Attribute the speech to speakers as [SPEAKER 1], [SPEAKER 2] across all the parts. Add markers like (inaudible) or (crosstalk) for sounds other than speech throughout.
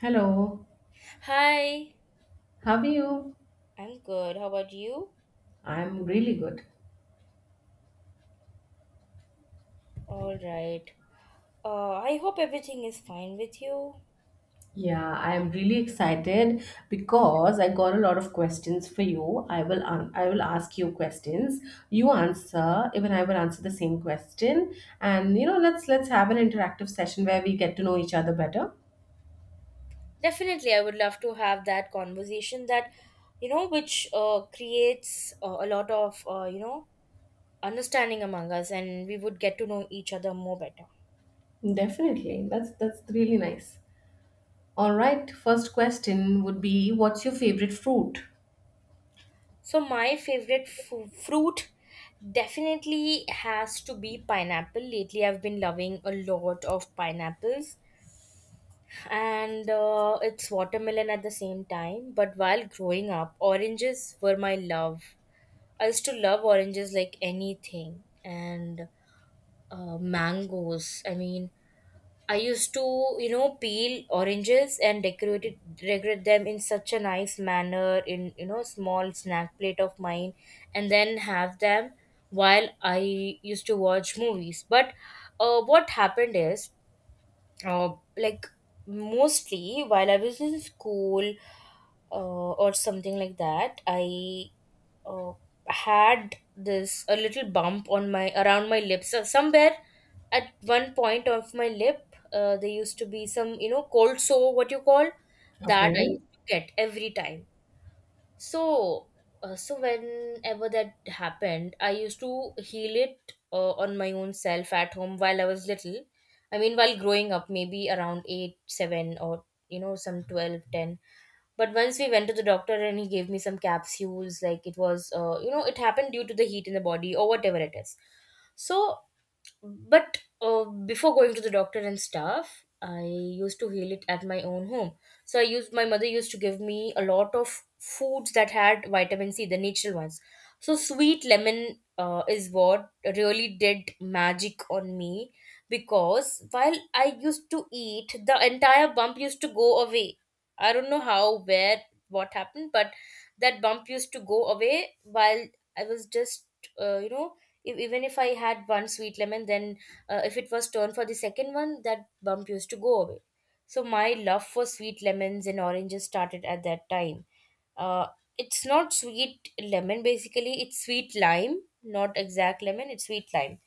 [SPEAKER 1] Hello,
[SPEAKER 2] Hi,
[SPEAKER 1] how are you?
[SPEAKER 2] I'm good. How about you?
[SPEAKER 1] I'm really good.
[SPEAKER 2] All right. I hope everything is fine with you.
[SPEAKER 1] Yeah, I am really excited because I got a lot of questions for you. I will ask you questions. You answer, even I will answer the same question. And you know, let's have an interactive session where we get to know each other better.
[SPEAKER 2] Definitely, I would love to have that conversation that, you know, which creates a lot of, you know, understanding among us and we would get to know each other more better.
[SPEAKER 1] Definitely. That's really nice. All right, first question would be what's your favorite fruit?
[SPEAKER 2] So, my favorite fruit definitely has to be pineapple. Lately, I've been loving a lot of pineapples and it's watermelon at the same time. But while growing up, oranges were my love. I used to love oranges like anything, and mangoes. I used to, you know, peel oranges and decorate them in such a nice manner in you know small snack plate of mine, and then have them while I used to watch movies. But what happened is uh, like mostly while I was in school, or something like that, I uh, had this a little bump on my around my lips somewhere at one point of my lip. There used to be some you know cold sore, what you call that
[SPEAKER 1] Okay.
[SPEAKER 2] I used to get every time. So, so whenever that happened, I used to heal it on my own self at home while I was little. I mean, while growing up, maybe around 8, 7, or you know, some 12, 10. But once we went to the doctor and he gave me some capsules, like it was, you know, it happened due to the heat in the body or whatever it is. So but before going to the doctor and stuff, I used to heal it at my own home. So I used My mother used to give me a lot of foods that had vitamin C, the natural ones. So sweet lemon is what really did magic on me, because while I used to eat, the entire bump used to go away. I don't know how, where, what happened, but that bump used to go away while I was just, you know, if, even if I had one sweet lemon, then if it was turned for the second one, that bump used to go away. So my love for sweet lemons and oranges started at that time. uh, it's not sweet lemon, basically it's sweet lime, not exact lemon, it's sweet lime.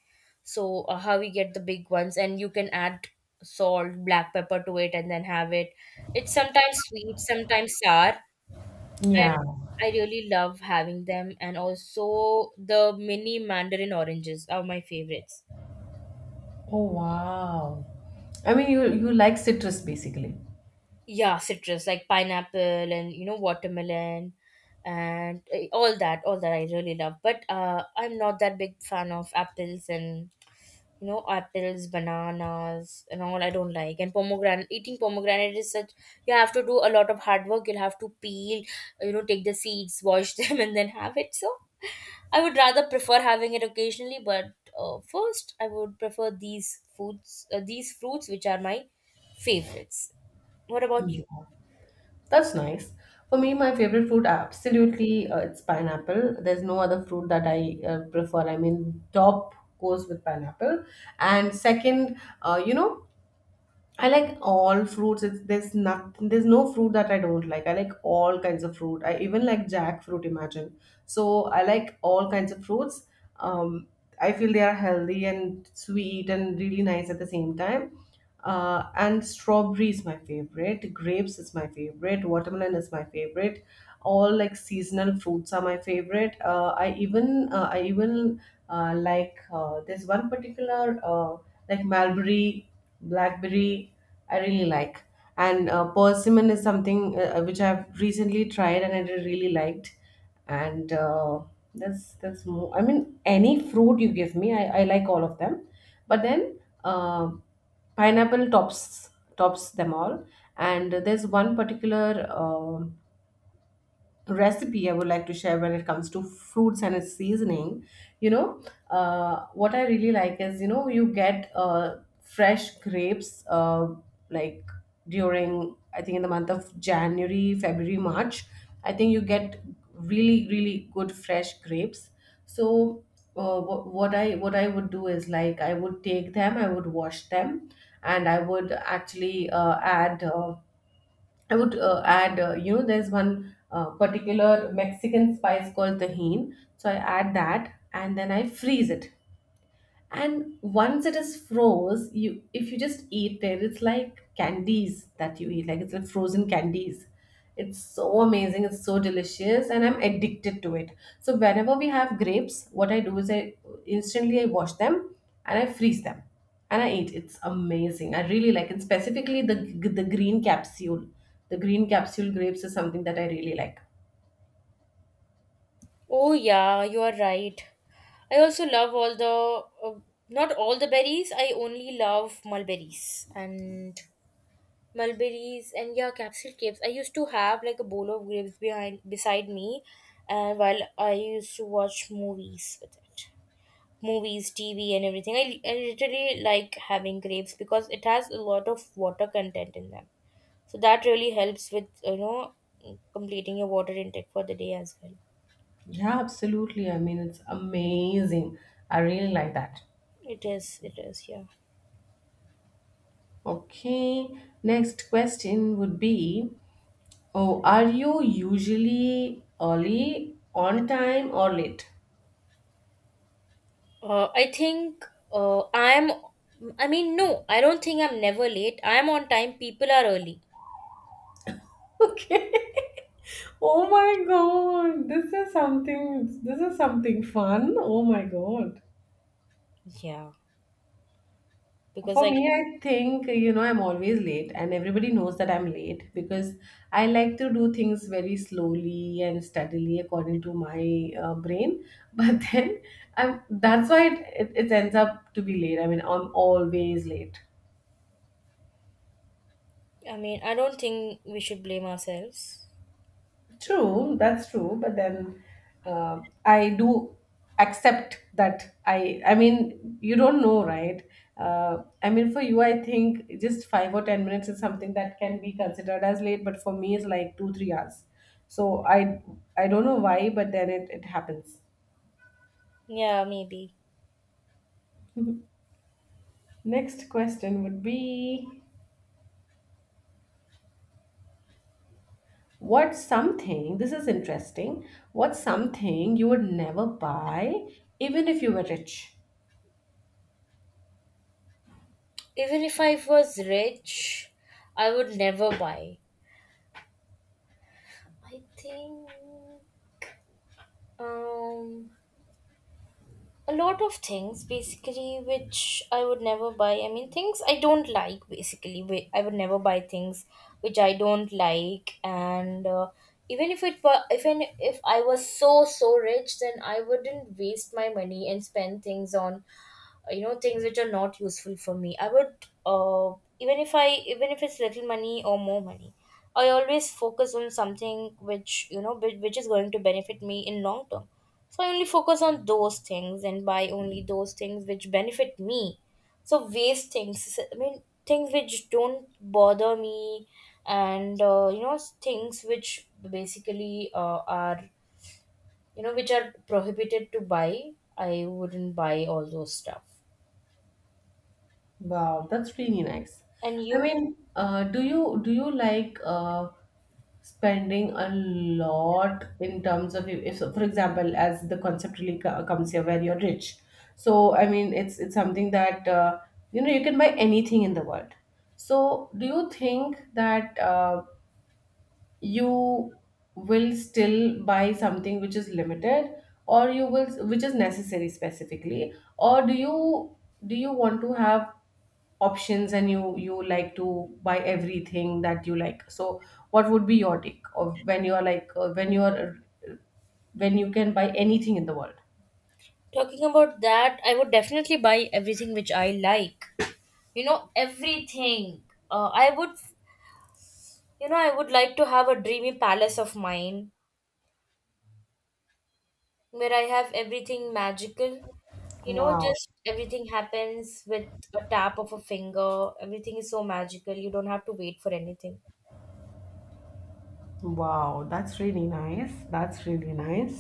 [SPEAKER 2] So how we get the big ones and you can add salt, black pepper to it and then have it. It's sometimes sweet, sometimes sour,
[SPEAKER 1] Yeah.
[SPEAKER 2] and I really love having them, and also the mini mandarin oranges are my favorites.
[SPEAKER 1] Oh wow. I mean you like citrus basically.
[SPEAKER 2] Yeah, citrus like pineapple and you know watermelon and all that I really love. But I'm not that big fan of apples and you know apples, bananas and all. I don't like, and pomegranate. Eating pomegranate is such, you have to do a lot of hard work. You'll have to peel, you know, take the seeds, wash (laughs) them, and then have it. So I would rather prefer having it occasionally, but first I would prefer these these fruits, which are my favorites. What about you?
[SPEAKER 1] That's nice. For me, my favorite fruit absolutely it's pineapple. There's no other fruit that I prefer. I mean, top goes with pineapple. And second, you know, I like all fruits. It's, there's nothing. There's no fruit that I don't like. I like all kinds of fruit. I even like jackfruit. Imagine. So I like all kinds of fruits. Um, I feel they are healthy and sweet and really nice at the same time. And strawberry is my favorite. Grapes is my favorite. Watermelon is my favorite. All like seasonal fruits are my favorite. I even like, there's one particular like mulberry, blackberry, I really like. And persimmon is something which I've recently tried and I really liked. And that's more, I mean, any fruit you give me, I like all of them. But then pineapple tops them all. And there's one particular uh, recipe I would like to share when it comes to fruits and its seasoning. You know, what I really like is, you know, you get fresh grapes like during, I think, in the month of January, February, March. I think you get really, really good fresh grapes. So, what I would do is, like, I would take them, I would wash them, and I would actually add. I would add, you know, there's one particular Mexican spice called tahin. So I add that and then I freeze it. And once it is froze, you, if you just eat it, it's like candies that you eat, like, it's like frozen candies. It's so amazing, it's so delicious, and I'm addicted to it. So whenever we have grapes, what I do is I, instantly I wash them, and I freeze them, and I eat. It's amazing. I really like it, specifically the the green capsule green capsule grapes is something that I really like.
[SPEAKER 2] Oh yeah, you are right. I also love all the not all the berries. I only love mulberries and yeah, capsule grapes. I used to have like a bowl of grapes behind beside me, and while I used to watch movies with it. Movies, TV, and everything. I literally like having grapes because it has a lot of water content in them. So that really helps with you know completing your water intake for the day as well.
[SPEAKER 1] Yeah, absolutely. I mean, it's amazing. I really like that.
[SPEAKER 2] It is, yeah.
[SPEAKER 1] Okay, next question would be, oh, are you usually early, on time, or late?
[SPEAKER 2] I think I'm. I mean, No, I don't think I'm never late. I'm on time. People are early.
[SPEAKER 1] (laughs) Okay. Oh my God, this is something. This is something fun. Oh my God.
[SPEAKER 2] Yeah, because
[SPEAKER 1] For
[SPEAKER 2] I.
[SPEAKER 1] me, I think, you know, I'm always late, and everybody knows that I'm late because I like to do things very slowly and steadily according to my brain. But (laughs) then I'm, that's why it ends up to be late. I mean, I'm always late.
[SPEAKER 2] I mean, I don't think we should blame ourselves.
[SPEAKER 1] True, that's true. But then I do accept that I mean, you don't know, right? I mean, for you, I think just 5 or 10 minutes is something that can be considered as late, but for me, it's like 2, 3 hours. So I don't know why, but then it happens.
[SPEAKER 2] Yeah, maybe.
[SPEAKER 1] Next question would be, what's something, this is interesting, what's something you would never buy even if you were rich?
[SPEAKER 2] Even if I was rich, I would never buy. I think um, a lot of things basically which I would never buy. I mean, things I don't like basically. I would never buy things which I don't like, and even if I was so so rich, then I wouldn't waste my money and spend things on you know things which are not useful for me. I would uh, even if I Even if it's little money or more money, I always focus on something which you know which is going to benefit me in long term. So I only focus on those things and buy only those things which benefit me. So waste things, I mean things which don't bother me, and you know things which basically are you know which are prohibited to buy, I wouldn't buy all those stuff.
[SPEAKER 1] Wow, that's really nice.
[SPEAKER 2] And
[SPEAKER 1] I
[SPEAKER 2] you
[SPEAKER 1] mean, do you like spending a lot in terms of, if, for example, as the concept really comes here, where you're rich. So I mean, it's something that you know, you can buy anything in the world. So do you think that you will still buy something which is limited, or you will which is necessary specifically, or do you want to have options and you like to buy everything that you like, so what would be your take of when you are like when you are uh, when you can buy anything in the world?
[SPEAKER 2] talking about that, I would definitely buy everything which I like. You know, everything. Uh, I would, you know, I would like to have a dreamy palace of mine where I have everything magical. You know,
[SPEAKER 1] Wow.
[SPEAKER 2] just everything happens with a tap of a finger. Everything is so magical. You don't have to wait for anything.
[SPEAKER 1] Wow, that's really nice. That's really nice.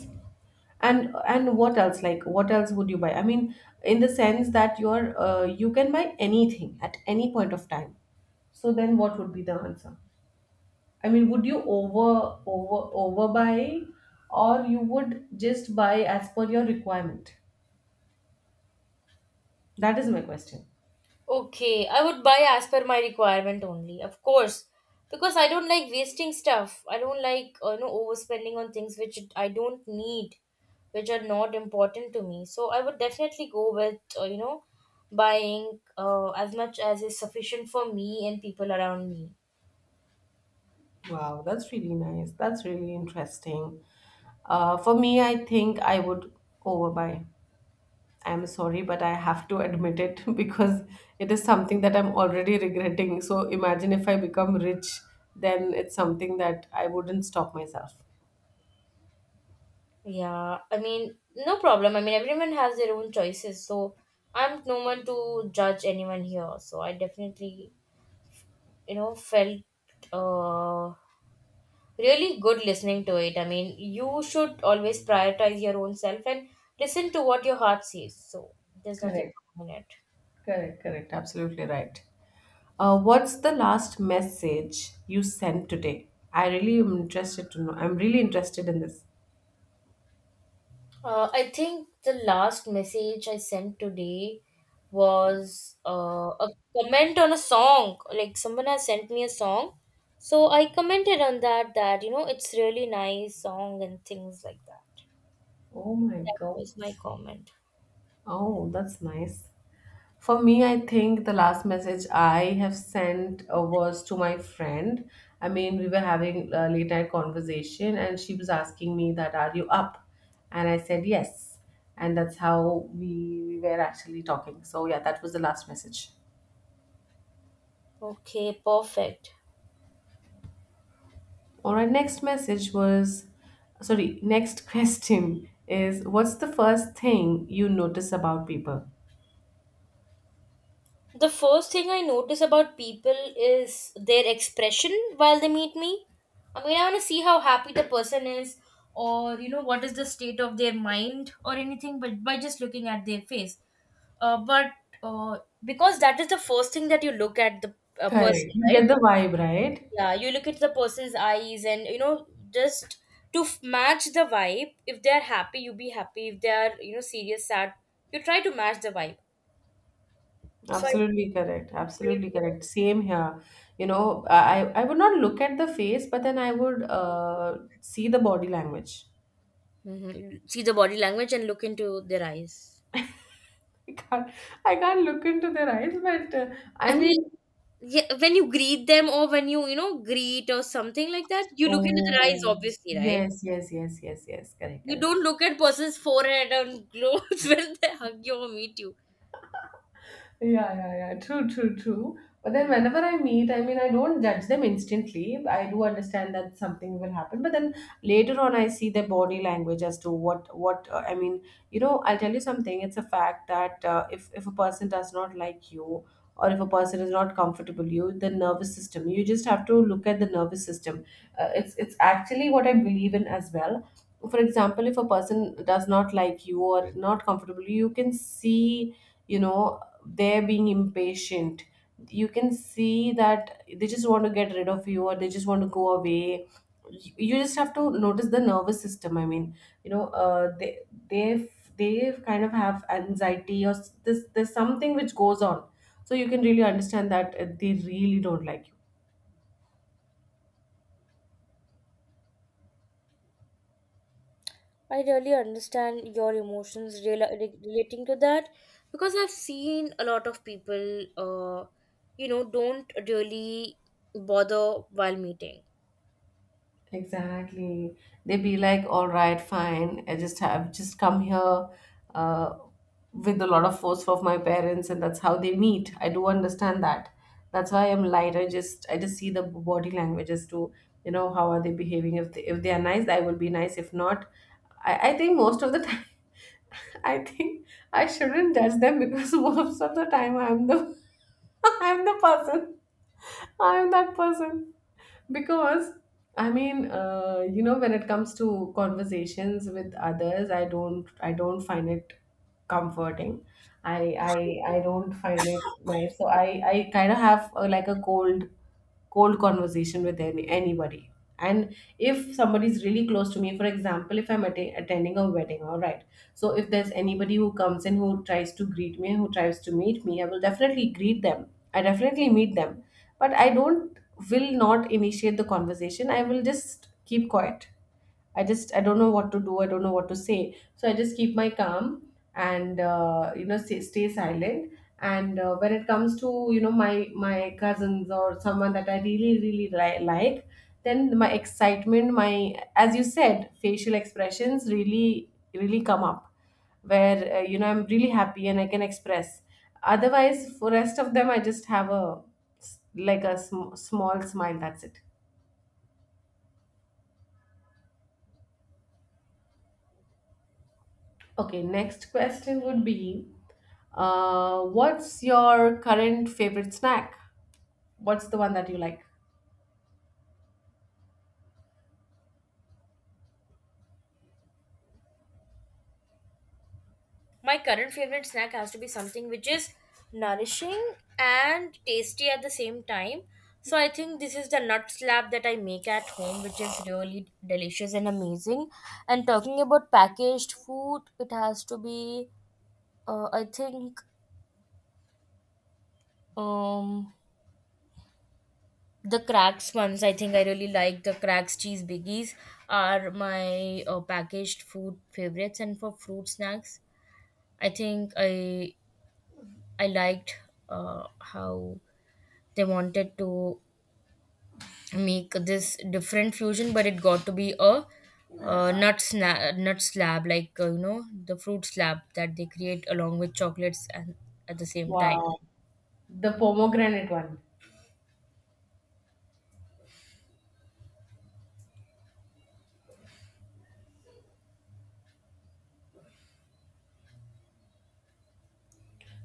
[SPEAKER 1] And what else, like, what else would you buy, I mean, in the sense that you're, you can buy anything at any point of time, so then what would be the answer? I mean, would you overbuy, or you would just buy as per your requirement? That is my question.
[SPEAKER 2] Okay, I would buy as per my requirement only, of course, because I don't like wasting stuff. I don't like you know overspending on things which I don't need, which are not important to me. So I would definitely go with you know buying as much as is sufficient for me and people around me.
[SPEAKER 1] Wow, that's really nice. That's really interesting. For me, I think I would overbuy. I'm sorry, but I have to admit it (laughs) because it is something that I'm already regretting. So imagine if I become rich, then it's something that I wouldn't stop myself.
[SPEAKER 2] Yeah, I mean no problem. I mean everyone has their own choices, so I'm no one to judge anyone here. So I definitely you know felt uh really good listening to it. I mean, you should always prioritize your own self and listen to what your heart says. So there's nothing
[SPEAKER 1] Correct.
[SPEAKER 2] wrong in it.
[SPEAKER 1] Correct, correct. Absolutely right. What's the last message you sent today? I really am interested to know. I'm really interested in this.
[SPEAKER 2] I think the last message I sent today was a comment on a song. Like someone has sent me a song, so I commented on that. That you know, it's really nice song and things like that.
[SPEAKER 1] Oh my
[SPEAKER 2] That
[SPEAKER 1] God.
[SPEAKER 2] was my comment.
[SPEAKER 1] Oh, that's nice. For me, I think the last message I have sent was to my friend. I mean, we were having a late night conversation, and she was asking me that, "Are you up?" And I said yes, and that's how we were actually talking. So yeah, that was the last message.
[SPEAKER 2] Okay, perfect.
[SPEAKER 1] All right, next message was sorry, next (laughs) question is, what's the first thing you notice about people?
[SPEAKER 2] The first thing I notice about people is their expression while they meet me. I mean, I want to see how happy the person is, or you know, what is the state of their mind, or anything, but by just looking at their face. But Because that is the first thing that you look at the person,
[SPEAKER 1] Correct. You
[SPEAKER 2] right?
[SPEAKER 1] get the vibe, right?
[SPEAKER 2] Yeah, you look at the person's eyes, and you know, just to match the vibe. If they are happy, you be happy. If they are, you know, serious, sad, you try to match the vibe. So I.
[SPEAKER 1] Absolutely correct. Absolutely correct. Same here. You know, I would not look at the face, but then I would see the body language.
[SPEAKER 2] Mhm. See the body language and look into their eyes.
[SPEAKER 1] (laughs) I can't I can't look into their eyes, but I
[SPEAKER 2] I mean,
[SPEAKER 1] mean,
[SPEAKER 2] yeah, when you greet them or when you know, greet or something like that, you look into their eyes,
[SPEAKER 1] oh
[SPEAKER 2] obviously, right?
[SPEAKER 1] yes, yes, yes, yes, yes. Correct,
[SPEAKER 2] You
[SPEAKER 1] correct.
[SPEAKER 2] don't look at person's forehead and clothes (laughs) when they hug you or meet you.
[SPEAKER 1] Yeah, yeah, yeah. True, true, true. But then
[SPEAKER 2] Mm.
[SPEAKER 1] whenever I meet, I mean, I don't judge them instantly. I do understand that something will happen. But then later on, I see their body language as to I mean, you know, I'll tell you something. It's a fact that if, a person does not like you, or if a person is not comfortable, you, the nervous system, you just have to look at the nervous system. It's actually what I believe in as well. For example, if a person does not like you or not comfortable, you can see, you know, they're being impatient. You can see that they just want to get rid of you, or they just want to go away. You just have to notice the nervous system, I mean, you know, they they kind of have anxiety or this, there's something which goes on, so you can really understand that they really don't like you.
[SPEAKER 2] I really understand your emotions relating to that because I've seen a lot of people, you know, don't really bother while meeting.
[SPEAKER 1] Exactly. They be like, all right, fine. I just have just come here uh, with a lot of force of my parents, and that's how they meet. I do understand that. That's why I'm light. I just see the body language as to, you know, how are they behaving. If they are nice, I will be nice. If not, I think most of the time, (laughs) I think I shouldn't judge them, because (laughs) most of the time I'm the (laughs) I'm the person. I'm that person because, I mean, you know, when it comes to conversations with others, I don't find it comforting. I, I don't find it nice. So I kind of have a, like a cold, cold conversation with anybody. And if somebody's really close to me, for example, if I'm attending a wedding, all right, so if there's anybody who comes in who tries to greet me, who tries to meet me, I will definitely greet them. I definitely meet them. But I don't will not initiate the conversation. I will just keep quiet. I don't know what to do. I don't know what to say. So I just keep my calm, and you know, stay silent. And when it comes to, you know, my cousins, or someone that I really really like, then my excitement, my, as you said, facial expressions really really come up, where you know, I'm really happy and I can express. Otherwise, for rest of them, I just have a like a small smile, that's it. Okay, next question would be, what's your current favorite snack? What's the one that you like?
[SPEAKER 2] My current favorite snack has to be something which is nourishing and tasty at the same time. So I think this is the nut slab that I make at home, which is really delicious and amazing. And talking about packaged food, it has to be, I think, um, the cracks ones. I think I really like the cracks cheese biggies are my packaged food favorites. And for fruit snacks, I think I liked how they wanted to make this different fusion, but it got to be a nut slab like you know the fruit slab that they create along with chocolates and at the same time.
[SPEAKER 1] Wow, the pomegranate one.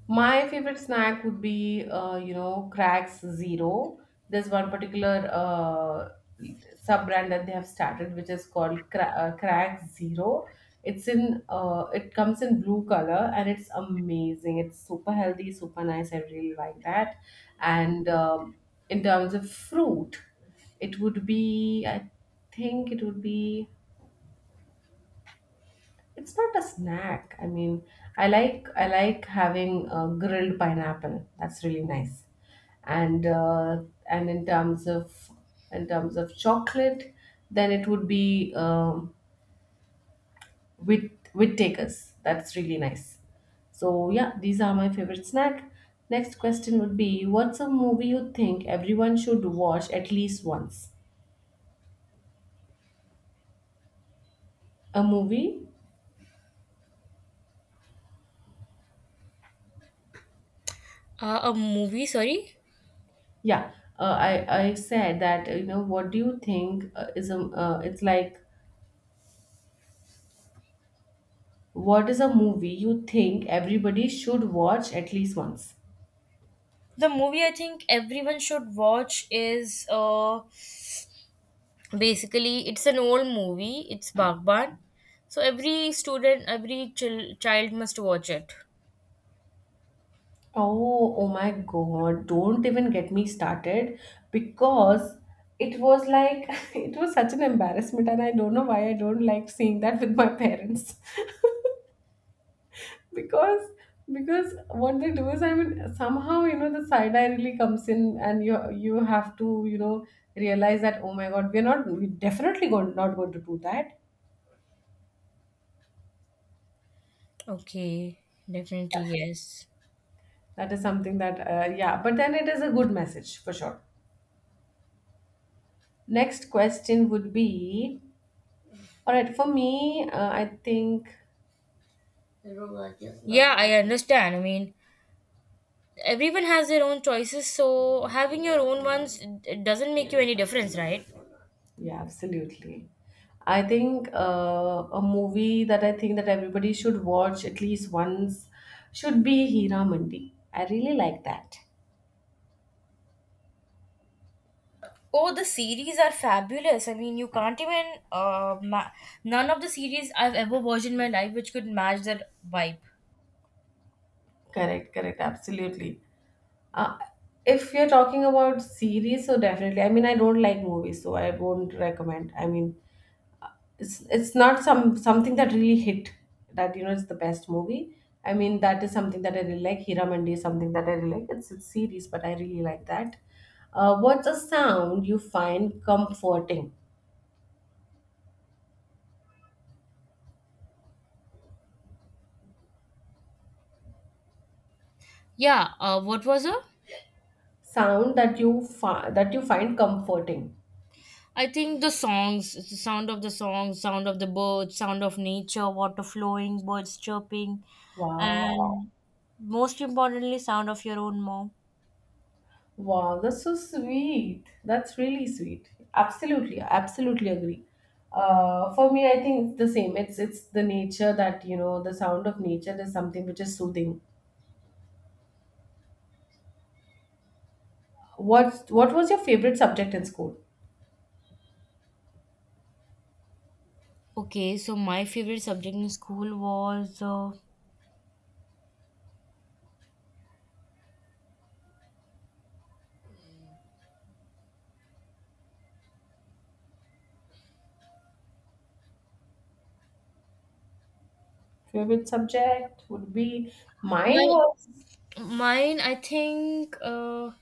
[SPEAKER 1] My favorite snack would be, you know, Cracks Zero. There's one particular sub brand that they have started, which is called Cracks Zero. It comes in blue color, and it's amazing. It's super healthy, super nice. I really like that. And in terms of fruit, I think it would be. It's not a snack. I mean, I like having grilled pineapple. That's really nice. And uh, and in terms of In terms of chocolate, then it would be with takers. That's really nice. So yeah, these are my favorite snack. Next question would be, what's a movie you think everyone should watch at least once? A movie?
[SPEAKER 2] A movie sorry
[SPEAKER 1] Yeah. I said that you know what do you think is a it's like, what is a movie you think everybody should watch at least once?
[SPEAKER 2] The movie I think everyone should watch is basically it's an old movie, it's Bagban. So every student, every child must watch it.
[SPEAKER 1] Oh, oh my God, don't even get me started, because it was like (laughs) it was such an embarrassment, and I don't know why I don't like seeing that with my parents. (laughs) because because what they do is, I mean, somehow, you know, the side eye really comes in, and you have to, you know, realize that, oh my God, we're not we definitely going, not going to do that.
[SPEAKER 2] Okay, definitely yes.
[SPEAKER 1] That is something that, yeah, but then it is a good message for sure. Next question would be, all right, for me, I think,
[SPEAKER 2] Yeah, I understand. I mean everyone has their own choices, so having your own ones it doesn't make you any difference, right?
[SPEAKER 1] yeah, absolutely. I think a movie that I think that everybody should watch at least once should be Hira Mandi. I really like that.
[SPEAKER 2] Oh, the series are fabulous. I mean you can't even uh, ma- none of the series I've ever watched in my life which could match that vibe.
[SPEAKER 1] Correct, correct, absolutely. Uh, if you're talking about series, so definitely. I mean, I don't like movies, so I won't recommend. I mean, it's not something that really hit that, you know, it's the best movie. I mean, that is something that I really like. Hiramandy is something that I really like. It's series, but I really like that. What's a sound you find comforting?
[SPEAKER 2] Yeah, what was it.
[SPEAKER 1] Sound that that you find comforting.
[SPEAKER 2] I think the songs, the sound of the songs, sound of the birds, sound of nature, water flowing, birds chirping,
[SPEAKER 1] Wow.
[SPEAKER 2] and most importantly sound of your own mom.
[SPEAKER 1] Wow, that's so sweet. That's really sweet. Absolutely, I absolutely agree. For me, I think it's the same. It's the nature that, you know, the sound of nature is something which is soothing. What was your favorite subject in school?
[SPEAKER 2] Okay, so my favorite subject in school was
[SPEAKER 1] Favorite subject would be,
[SPEAKER 2] my
[SPEAKER 1] mine was,
[SPEAKER 2] Mine, I think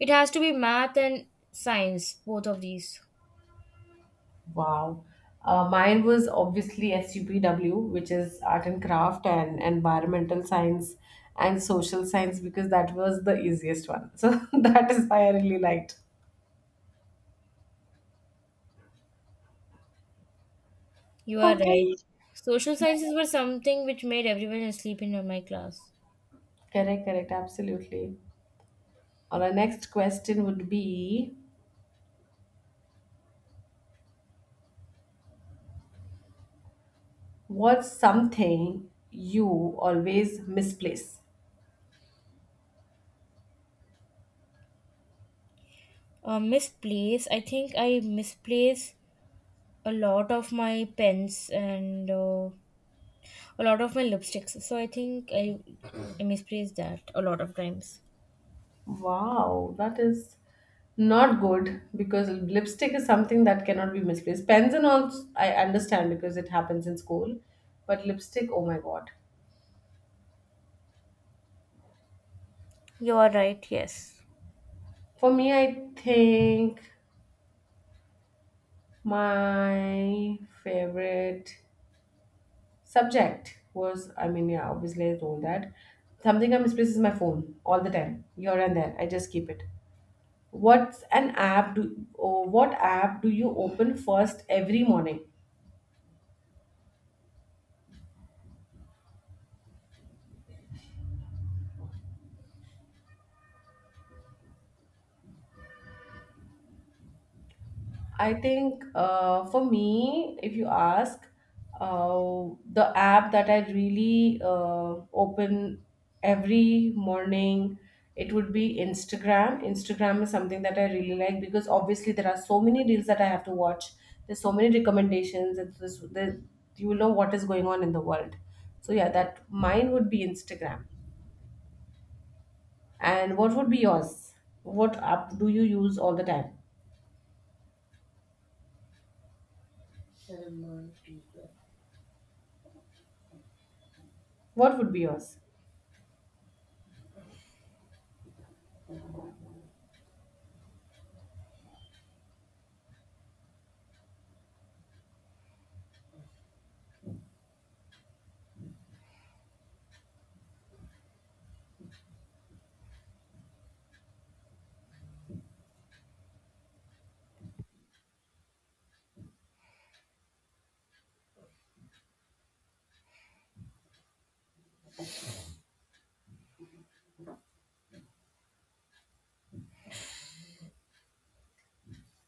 [SPEAKER 2] it has to be math and science, both of these.
[SPEAKER 1] wow. Mine was obviously SUPW, which is art and craft and environmental science and social science, because that was the easiest one. So (laughs) that is why I really liked.
[SPEAKER 2] You are right.
[SPEAKER 1] Okay.
[SPEAKER 2] Social sciences were something which made everyone asleep in my class.
[SPEAKER 1] Correct, correct, absolutely. Our next question would be, what's something you always misplace?
[SPEAKER 2] I think I misplace a lot of my pens and a lot of my lipsticks. I misplace that a lot of times.
[SPEAKER 1] Wow, that is not good, because lipstick is something that cannot be misplaced. Pens and all, I understand, because it happens in school, but lipstick, oh my god.
[SPEAKER 2] You are right, yes.
[SPEAKER 1] For me, I think my favorite subject was, I mean, yeah, obviously I told that. Something I misplace is my phone all the time, here and there. I just keep it. What's an app do? Oh, what app do you open first every morning? I think for me, if you ask, the app that I really open every morning, it would be Instagram. Instagram is something that I really like, because obviously there are so many reels that I have to watch. There's so many recommendations, and this, the, you will know what is going on in the world. So yeah, that mine would be Instagram. And what would be yours? What app do you use all the time?
[SPEAKER 2] Salman T.
[SPEAKER 1] What would be yours?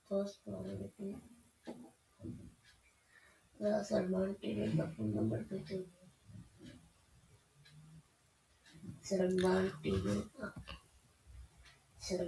[SPEAKER 2] First problem, Salman T. Number two. Sen var gibi. Sen